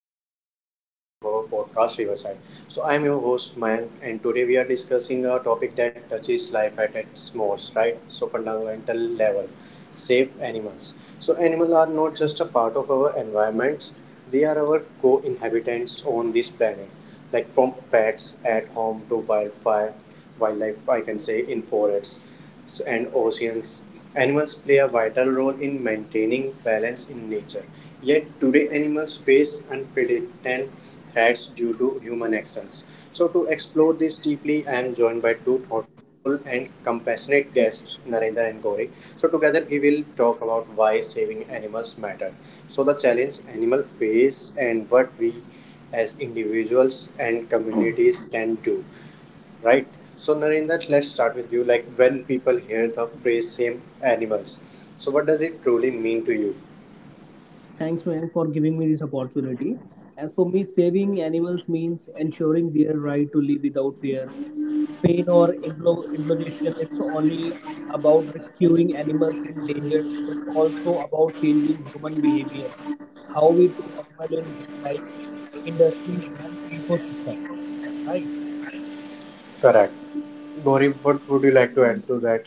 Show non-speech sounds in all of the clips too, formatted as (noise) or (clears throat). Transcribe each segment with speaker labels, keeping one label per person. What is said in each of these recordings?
Speaker 1: to the today's episode of our podcast Riverside. So I'm your host Mayank and today we are discussing a topic that touches life at its most, right? So fundamental level, save animals. So animals are not just a part of our environment; they are our co-inhabitants on this planet. Like from pets at home to wildfire, wildlife I can say in forests. So, and oceans. Animals play a vital role in maintaining balance in nature. Yet today, animals face unprecedented threats due to human actions. So, to explore this deeply, I am joined by two thoughtful and compassionate guests, Narendra and Gauri. So, together we will talk about why saving animals matter. So, the challenge animals face and what we as individuals and
Speaker 2: (clears throat)
Speaker 1: communities can do. Right. So Narendra, let's start with you. Like when people hear the phrase "same animals," so what does it truly mean to you?
Speaker 2: Thanks, man, for giving me this opportunity. As for me, saving animals means ensuring their right to live without fear, pain, or implication. It's only about rescuing animals in danger, but also about changing human behavior, how we treat animal in daily life, industries, and ecosystem. Right.
Speaker 1: Correct. Gauri, what would you like to add to that?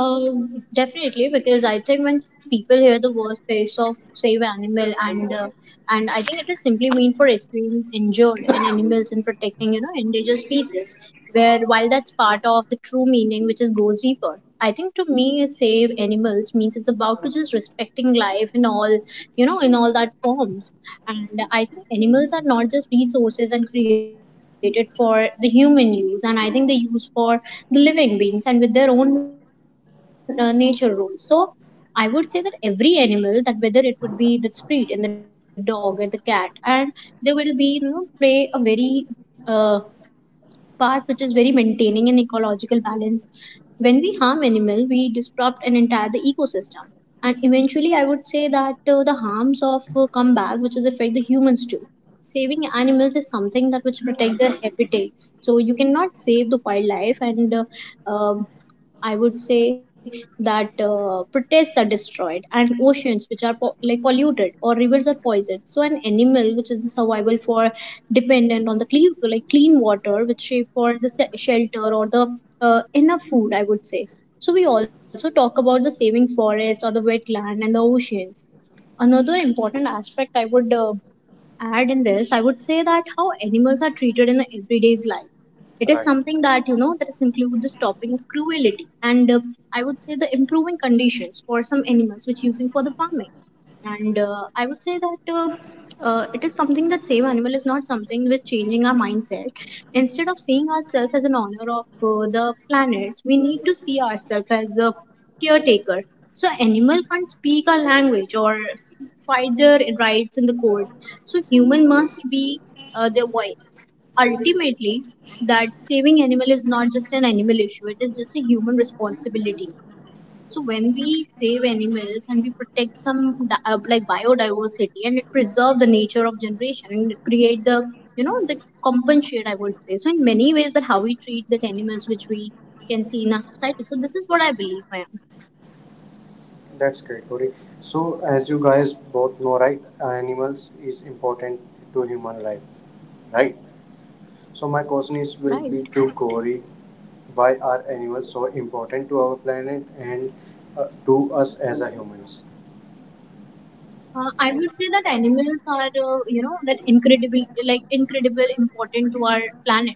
Speaker 3: Definitely, because I think when people hear the word face of save animal and I think it is simply mean for rescuing injured and animals and protecting endangered species. Where while that's part of the true meaning, goes deeper. I think to me, save animals means it's about to just respecting life in all in all that forms. And I think animals are not just resources and created for the human use, and I think they use for the living beings and with their own nature rules. So I would say that every animal, that whether it would be the street and the dog and the cat, and they will be, play a very uh, part which is very maintaining an ecological balance. When we harm animal, we disrupt an entire the ecosystem. And eventually, I would say that the harms of come back, which is affect the humans too. Saving animals is something that which protect their habitats. So you cannot save the wildlife, and um, I would say that protests are destroyed and oceans which are like polluted or rivers are poisoned. So an animal which is the survival for dependent on the clean like clean water which for the shelter or the enough food, I would say. So we also talk about the saving forest or the wetland and the oceans. Another important aspect I would add in this, I would say that how animals are treated in the everyday's life. It is
Speaker 1: Right.
Speaker 3: something that that is include the stopping of cruelty and improving conditions for some animals which using for the farming. And I would say that it is something that save animal is not something with changing our mindset. Instead of seeing ourselves as an owner of the planets, we need to see ourselves as a caretaker. So animal can't speak our language or fight their rights in the court. So human must be their voice. Ultimately, that saving just an animal issue; it is just a human responsibility. So when we save animals and we protect some like biodiversity, and it preserve the nature of generation and it create the the compensate, I would say. So in many ways that how we treat the animals which we can see in our society. So this is what I believe, ma'am.
Speaker 1: That's great, Gauri. So as you guys both know, right, animals is important to human life, right? So my question is
Speaker 3: Right.
Speaker 1: will be to Gauri. Why are animals so important to our planet and to us as a humans?
Speaker 3: I would say that animals are, that incredible, like incredible important to our planet,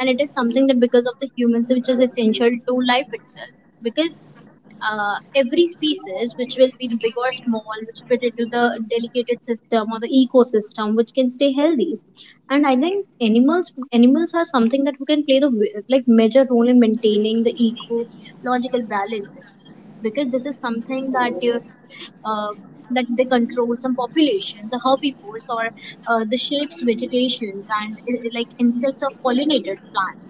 Speaker 3: and it is something that because of the humans, which is essential to life itself. Because every species, which will be the big or small, which fit into the delicated system or the ecosystem, which can stay healthy, and I think animals are something that we can play the like major role in maintaining the ecological balance, because this is something that you, uh, that they control some population, the herbivores or the shapes vegetations and like insects or pollinated plants.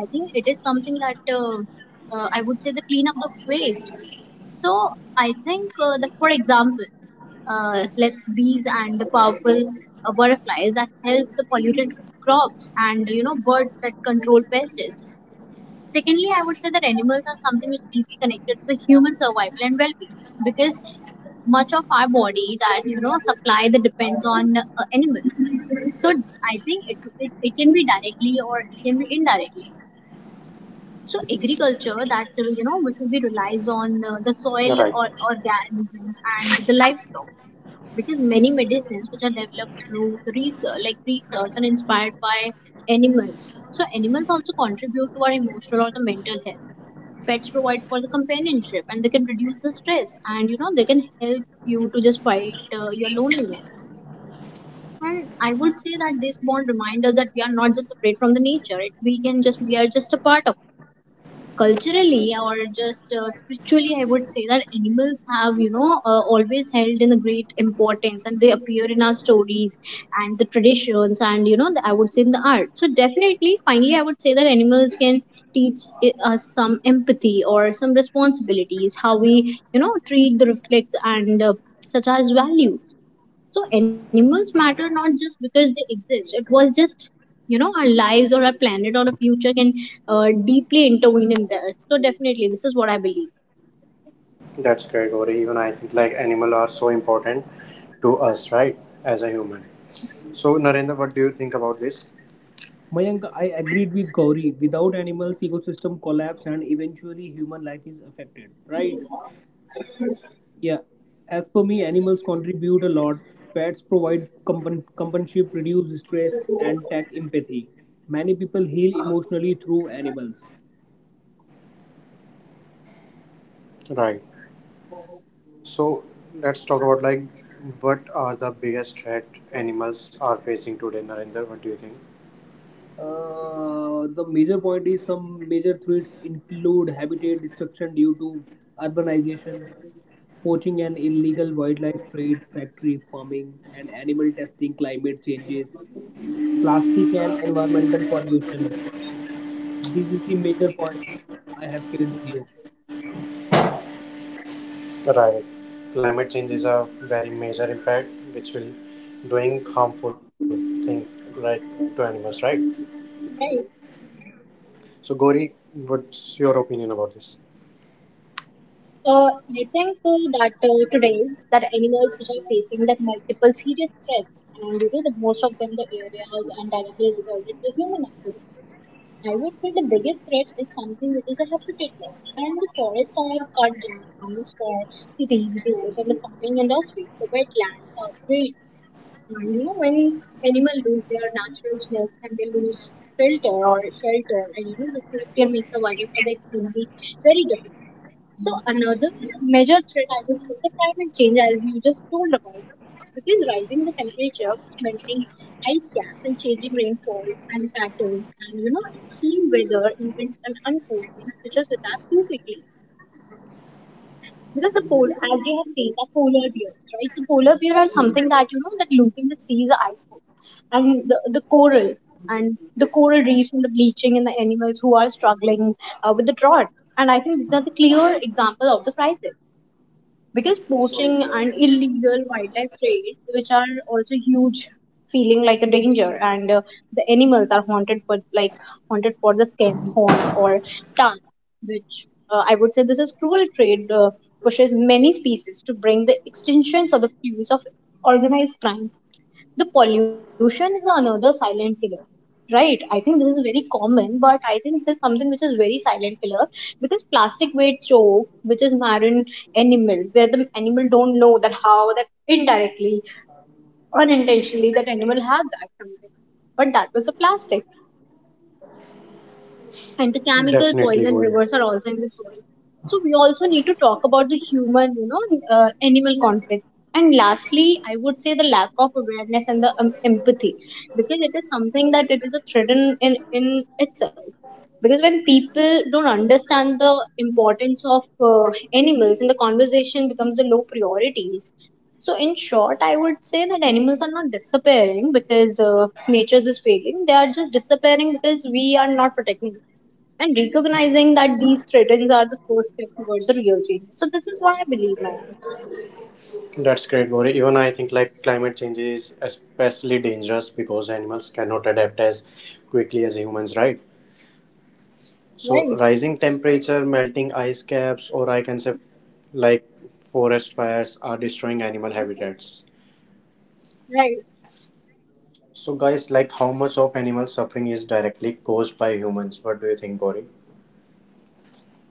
Speaker 3: I think it is something that I would say the cleanup of waste. So I think that for example, let's bees and the powerful butterflies that helps the polluted crops, and birds that control pests. Secondly, I would say that animals are something which will be connected to the human survival and well-being, because much of our body that supply that depends on animals. So I think it can be directly or it can be indirectly. So agriculture that which we relies on the soil or
Speaker 1: Right.
Speaker 3: organisms and the livestock, because many medicines which are developed through the research and inspired by animals. So animals also contribute to our emotional or the mental health. Pets provide for the companionship and they can reduce the stress, and they can help you to just fight your loneliness. And I would say that this bond reminds us that we are not just separate from the nature it, we are just a part of culturally or just spiritually, I would say that animals have always held in a great importance, and they appear in our stories and the traditions, and I would say in the art. So definitely finally I would say that animals can teach us some empathy or some responsibilities, how we treat the reflects and such as value. So animals matter not just because they exist. It was just our lives or our planet or our future can deeply intervene in theirs. So definitely, this is what I believe.
Speaker 1: That's great, Gauri. Even I think like animal are so important to us, right? As a human. So Narendra, what do you think about this?
Speaker 2: Mayank, I agreed with Gauri. Without animals, ecosystem collapse and eventually human life is affected. Right. Yeah, as per me, animals contribute a lot. Pets provide companionship, reduce stress, and tech empathy. Many people heal emotionally through animals.
Speaker 1: Right. So let's talk about like what are the biggest threat animals are facing today, Narendra? What do you think?
Speaker 2: The major point is some major threats include habitat destruction due to urbanization, poaching and illegal wildlife trade, factory farming, and animal testing, climate changes, plastic and environmental pollution. This is the major points I have shared with you.
Speaker 1: Right. Climate change is a very major impact which will doing harmful thing right to animals, right?
Speaker 3: Right.
Speaker 1: So Gauri, what's your opinion about this?
Speaker 3: I think that today's that animals are facing that multiple serious threats, and that most of them the areas and directly resulted to human activity. I would say the biggest threat is something which is a habitat loss, and the forests are cut down for the roads and the farming industry. The wetlands are degraded. And when animals lose their natural home and they lose filter or shelter, and the safety and make the survival for the extremely very difficult. So, another major threat I would say is the climate change, as you just told about, which is rising the temperature, which melting ice caps changing rainfall and patterns, and extreme weather events and unfolding, which is adapt too quickly because the polar, as you have seen, the polar bears, right? The polar bear are something that that live in the seas, iceberg, and the coral and the coral reefs and the bleaching, and the animals who are struggling with the drought. And I think these are the clear example of the crisis, because poaching and illegal wildlife trades which are also huge feeling like a danger, and the animals are haunted for the skin horns or tongue, which I would say this is cruel trade, pushes many species to bring the extinctions or the fuse of organized crime. The pollution is another silent killer, right? I think this is very common, but I think this is something which is very silent killer, because plastic waste choke which is marine animal, where the animal don't know that how that indirectly unintentionally that animal have that something, but that was a plastic, and the chemical
Speaker 1: Definitely
Speaker 3: poison
Speaker 1: Gauri.
Speaker 3: rivers are also in the soil. So we also need to talk about the human animal conflict, and lastly I would say the lack of awareness and the empathy, because it is something that it is a threat in itself, because when people don't understand the importance of animals, and the conversation becomes a low priorities. So in short, I would say that animals are not disappearing because nature is failing, they are just disappearing because we are not protecting, and recognizing that these threats are the first step towards the real change. So this is what I believe, my aunt.
Speaker 1: That's great, Gauri. Even I think like climate change is especially dangerous because animals cannot adapt as quickly as humans, right? So
Speaker 3: Right,
Speaker 1: rising temperature, melting ice caps, or I can say like forest fires are destroying animal habitats.
Speaker 3: right.
Speaker 1: So guys, like how much of animal suffering is directly caused by humans? What do you think, Gauri?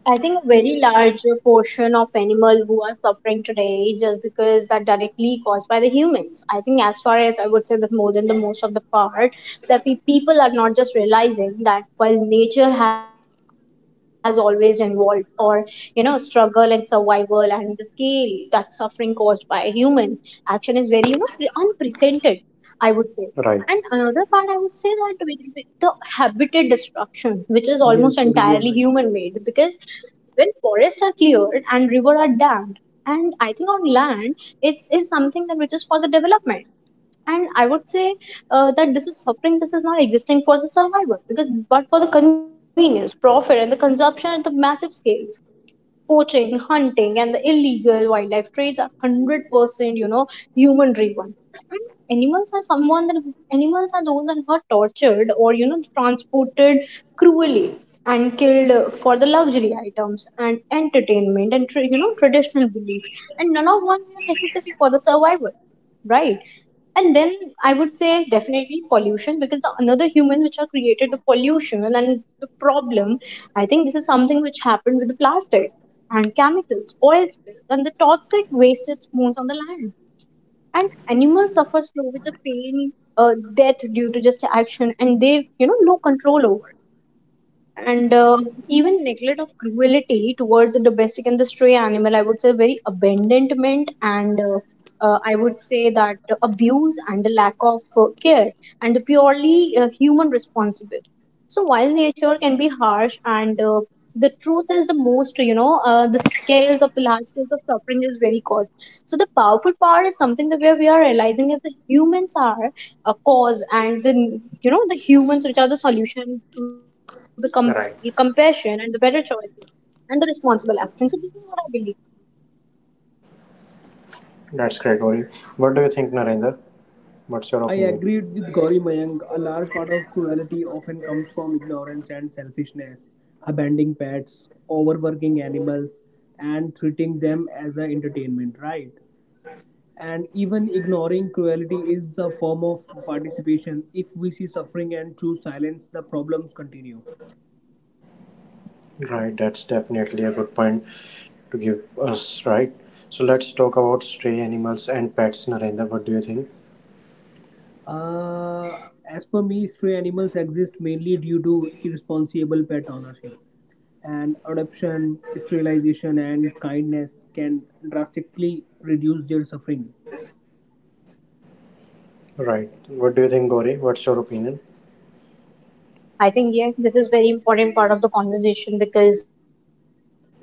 Speaker 3: I think a very large portion of animals who are suffering today is just because that directly caused by the humans. I think as far as I would say that more than the most of the part that we people are not just realizing that while nature has always evolved or struggle and survival, and the scale that suffering caused by a human action is very unprecedented, I would say. And another part
Speaker 1: Right.
Speaker 3: I would say that with the habitat destruction, which is almost
Speaker 2: Yes,
Speaker 3: entirely
Speaker 2: sorry, you
Speaker 3: human
Speaker 2: are right.
Speaker 3: made, because when forests are cleared and rivers are dammed, and I think on land, it's is something that which is for the development. And I would say that this is suffering, this is not existing for the survival because, but for the convenience profit and the consumption at the massive scales. Poaching, hunting and the illegal wildlife trades are 100% human driven. And animals are someone that animals are those that are tortured or transported cruelly and killed for the luxury items and entertainment and traditional belief, and none of one are necessary for the survival, right? And then I would say definitely pollution, because another human which are created the pollution and the problem. I think this is something which happened with the plastic and chemicals oil spills, and the toxic wasted spoons on the land, and animals suffer slow with the pain death due to just action, and they no control over, and even neglect of cruelty towards the domestic and the stray animal, I would say very abandonment, and I would say that abuse and The lack of care and the purely human responsible. So while nature can be harsh and the truth is the most the scales of the large scales of suffering is very caused. So the powerful part is something that where we are realizing if the humans are a cause and the, you know, the humans which are the solution to the
Speaker 1: Right.
Speaker 3: compassion and the better choices and the responsible action. So this is what I believe.
Speaker 1: That's great, Gauri. What do you think, Narendra? What's your
Speaker 2: I
Speaker 1: opinion?
Speaker 2: agreed with Gauri Mayank. A large part of cruelty often comes from ignorance and selfishness, abandoning pets, overworking animals, and treating them as an entertainment, right? And even ignoring cruelty is a form of participation. If we see suffering and choose silence, the problems continue.
Speaker 1: Right, that's definitely a good point. To give us, right? So let's talk about stray animals and pets, Narendra. What do you think?
Speaker 2: Uh, as per me, stray animals exist mainly due to irresponsible pet ownership. And adoption, sterilization, and kindness can drastically reduce their suffering.
Speaker 1: Right. What do you think, Gauri? What's your opinion?
Speaker 3: I think yeah, this is very important part of the conversation, because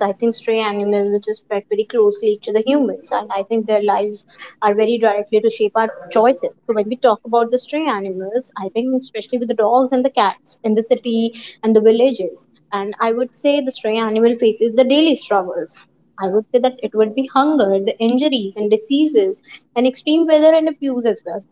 Speaker 3: I think stray animals which is pet very closely to the humans and I think their lives are very directly to shape our choices. So when we talk about the stray animals, I think especially dogs and the cats in the city and the villages, and I would say the stray animal faces the daily struggles. I would say that it would be hunger, the injuries and diseases, and extreme weather and abuse as well.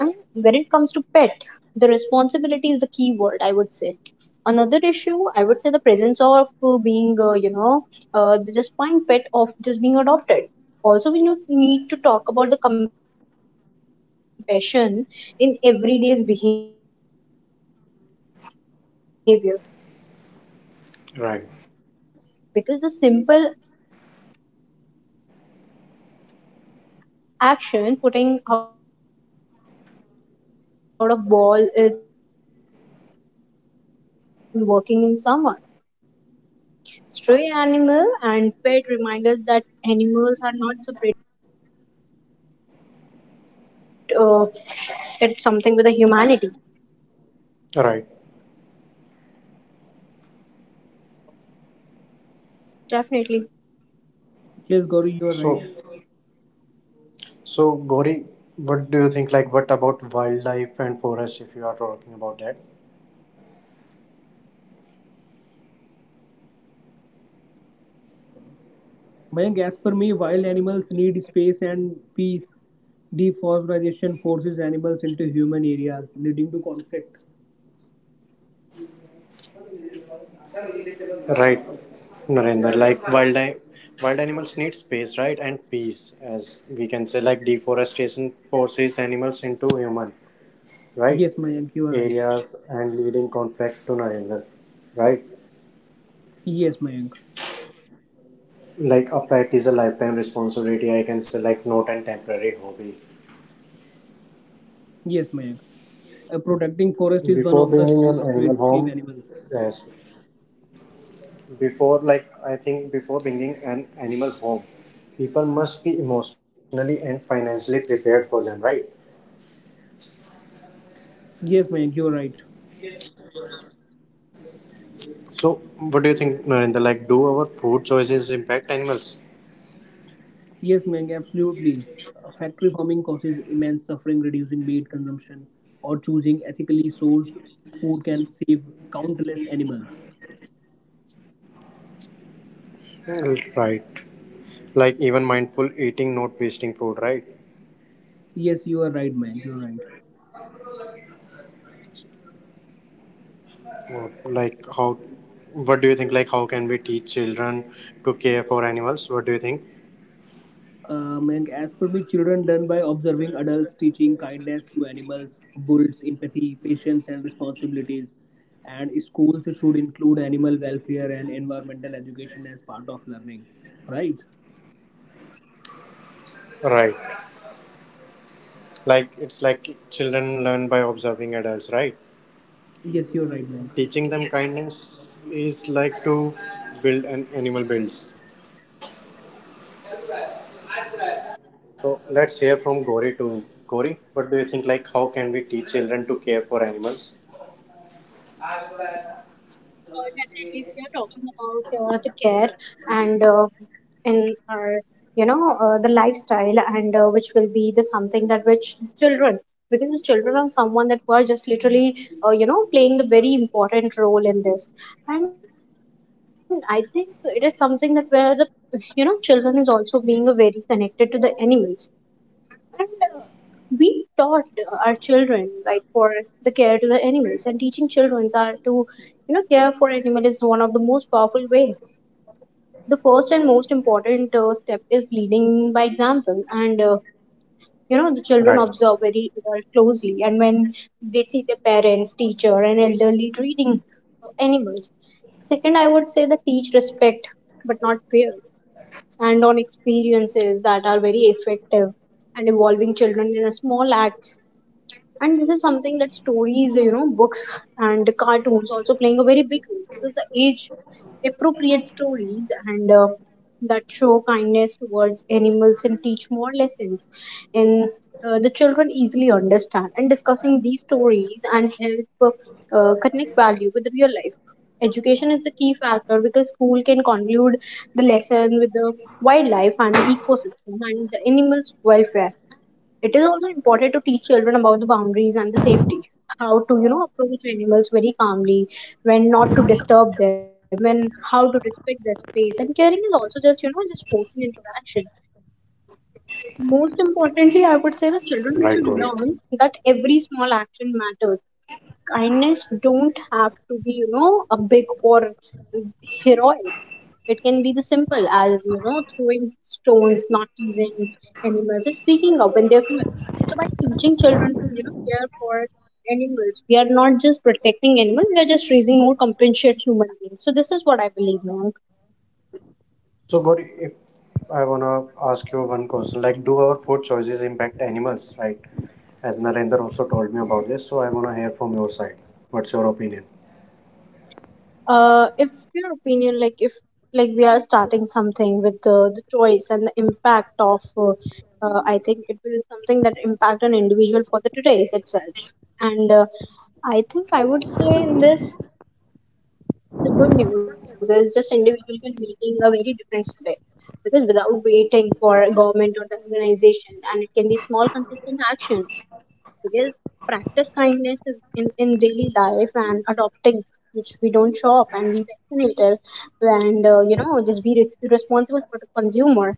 Speaker 3: And when it comes to pet, the responsibility is the key word. I would say another issue, I would say the presence of being you know, the just point pet of just being adopted. Also we need to talk about the compassion in everyday's behavior, because the simple action putting out a ball in working in someone stray animal
Speaker 1: Right.
Speaker 3: and pet remind us that animals are not separate from the societies and the part of the community. So this is what I believe more, because I think this is something that how we treat, it's something with a humanity
Speaker 1: Right.
Speaker 3: definitely.
Speaker 2: Yes, Gauri, you are right.
Speaker 1: So, so Gauri, what do you think? Like, what about wildlife and forests? If you are
Speaker 3: It
Speaker 1: talking
Speaker 3: is the
Speaker 1: about that,
Speaker 3: awareness and I would say the empathy and the responsibility, because we can create and we can create our like not surviving
Speaker 2: Mayank,
Speaker 3: on
Speaker 2: as
Speaker 3: our
Speaker 2: per me,
Speaker 3: street but
Speaker 2: wild
Speaker 3: living with
Speaker 2: animals
Speaker 3: the
Speaker 2: need
Speaker 3: dignity and
Speaker 2: space
Speaker 3: the care.
Speaker 2: and peace.
Speaker 3: Right.
Speaker 2: Deforestation forces animals into human areas, leading to conflict.
Speaker 1: right, Narendra? Like, wildlife, wild animals need space, right, and peace, as we can say. Like, deforestation forces animals into human, right,
Speaker 2: Yes, Mayank, you are right.
Speaker 1: areas and leading conflict to Narendra, right?
Speaker 2: Yes, Mayank.
Speaker 1: Like a pet is a lifetime responsibility, I can say, like not a temporary hobby.
Speaker 2: Yes, Mayank. Protecting forest is
Speaker 1: Before
Speaker 2: one of the
Speaker 1: bringing
Speaker 3: You're
Speaker 1: an
Speaker 3: right.
Speaker 2: strongest
Speaker 1: animal
Speaker 2: way to save
Speaker 1: home,
Speaker 2: animals.
Speaker 1: yes, before like I think before bringing an animal home, people must be emotionally and financially prepared for them, right?
Speaker 2: Yes, Mayank, you're right.
Speaker 1: So, what do you think, Narendra? Like, do our food choices impact animals?
Speaker 2: Yes, Mayank, absolutely. Factory farming causes immense suffering, reducing meat consumption or choosing ethically sourced food can save countless animals.
Speaker 1: Well, right. Like even mindful eating, not wasting food, right?
Speaker 2: Yes, you are right, Mayank, you're right.
Speaker 1: Or, like how? What do you think? Like how can we teach children to care for animals? What do you think?
Speaker 2: Mayank, as per me, children learn by observing adults teaching kindness to animals, builds empathy, patience, and responsibilities. And schools should include animal welfare and environmental education as part of learning. Right?
Speaker 1: Right. Like it's like children learn by observing adults, right?
Speaker 2: Yes, you're right, Mayank.
Speaker 1: Teaching them kindness is like to build an animal builds. So let's hear from Gori to Gori. What do you think? Like how can we teach children to care for animals?
Speaker 3: Definitely, if we are talking about the care and in our, you know, the lifestyle and which will be the something that which children, because the children are someone that were just literally, you know, playing the very important role in this. And I think it is something that where the, you know, children is also being a very connected to the animals and we taught our children like for the care to the animals, and teaching children are to, you know, care for animal is one of the most powerful way. The first and most important step is leading by example, and you know, the children
Speaker 1: Right.
Speaker 3: observe very closely, and when they see their parents, teacher and elderly treating animals. Second, I would say the teach respect but not fear, and on experiences that are very effective and involving children in a small acts. And this is something that stories, you know, books and cartoons also playing a very big role, because the age appropriate stories and, that show kindness towards animals and teach more lessons. And the children easily understand, and discussing these stories and help, connect value with real life. Education is the key factor, because school can conclude the lesson with the wildlife and the ecosystem and the animals welfare. It is important to teach children about the boundaries and the safety. How to, you know, approach animals very calmly, when not to disturb them, and how to respect their space. And caring is also just, you know, just forcing interaction. Most importantly, I would say that
Speaker 1: Right,
Speaker 3: children
Speaker 1: Gori.
Speaker 3: should learn that every small action matters. Kindness don't have to be, you know, a big or heroic. It can be the simple as, you know, throwing stones, not teasing animals, and speaking up they're cruel. So by teaching children to, you know, care for animals, we are not just protecting animals; we are just raising more compassionate human beings. So this is what I believe, Mayank.
Speaker 1: So Gori, if I wanna ask you one question, like do our food choices impact animals, right? As Narendra also told me about this, so I wanna hear from your side. What's your opinion?
Speaker 3: If your opinion, like if like we are starting something with the choice and the impact of, I think it will something that impact an individual for the today's itself, and I think I would say in
Speaker 1: Mm-hmm.
Speaker 3: this. The good news is just individuals are making a very difference today, because without waiting for a government or the organization, and it can be small consistent action, because practice kindness is in daily life, and adopting which we don't shop and we vaccinated, and you know, just be responsible for the consumer,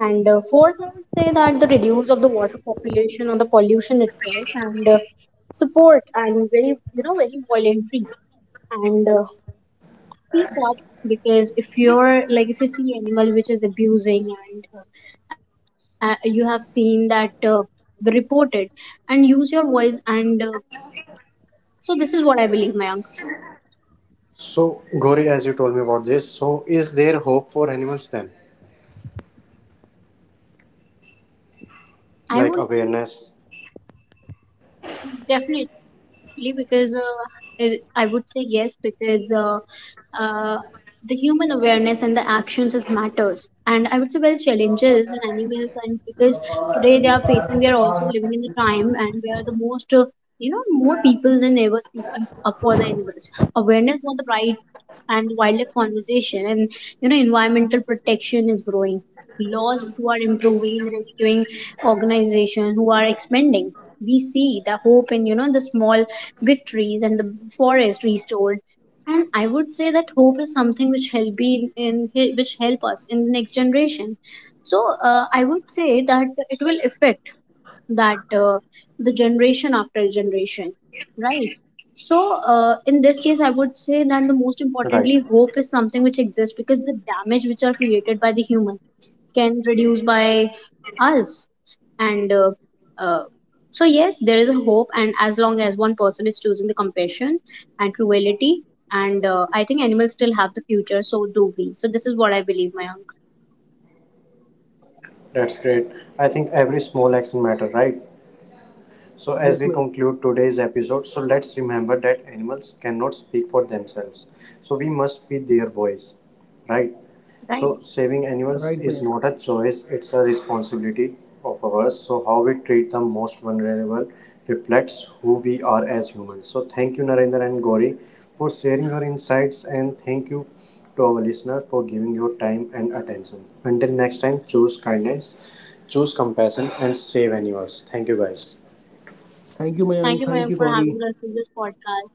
Speaker 3: and fourth I would say that the reduce of the water population or the pollution itself, and support and very, you know, very voluntary and teapot, because if you're like if you see animal which is abusing, and you have seen that, the reported and use your voice, and so this is what I believe, Mayank.
Speaker 1: So, Gauri, as you told me about this, so is there hope for animals then?
Speaker 3: I
Speaker 1: Like
Speaker 3: would say
Speaker 1: awareness?
Speaker 3: definitely, because it, I would say yes, because uh, the human awareness and the actions is matters. And I would say, well, challenges in animals, and because today they are facing, we are also living in the time, and we are the most, you know, more people than ever speaking up for the animals. Awareness for the right and wildlife conversation, and, you know, environmental protection is growing, laws who are improving and rescuing organizations who are expanding. We see the hope in, you know, the small victories and the forest restored, and I would say that hope is something which help be in which help us in the next generation. So I would say that it will affect that, the generation after generation. Right. So, in this case,
Speaker 1: Right.
Speaker 3: I would say that the most importantly, hope is something which exists, because the damage which are created by the human can reduce by us. And uh, so, yes, there is a hope, and as long as one person is choosing the compassion and cruelty, and I think animals still have the future, so do we. So, this is what I believe, Mayank.
Speaker 1: That's great. I think every small action matters, right? So, as
Speaker 2: Yes,
Speaker 1: we
Speaker 2: Mayank.
Speaker 1: conclude today's episode, so let's remember that animals cannot speak for themselves. So, we must be their voice, right?
Speaker 3: Right.
Speaker 1: So saving animals
Speaker 2: Right,
Speaker 1: is
Speaker 2: Mayank.
Speaker 1: not a choice, it's a responsibility of ours. So how we treat the most vulnerable reflects who we are as humans. So thank you Narendra and Gauri for sharing your insights and thank you to our listener for giving your time and attention. Until next time, choose kindness, choose compassion and save animals. Thank you guys.
Speaker 2: Thank you,
Speaker 3: Thank you,
Speaker 2: Mayank. Thank
Speaker 3: Mayank,
Speaker 2: you,
Speaker 3: for having
Speaker 2: Gauri.
Speaker 3: us in this podcast.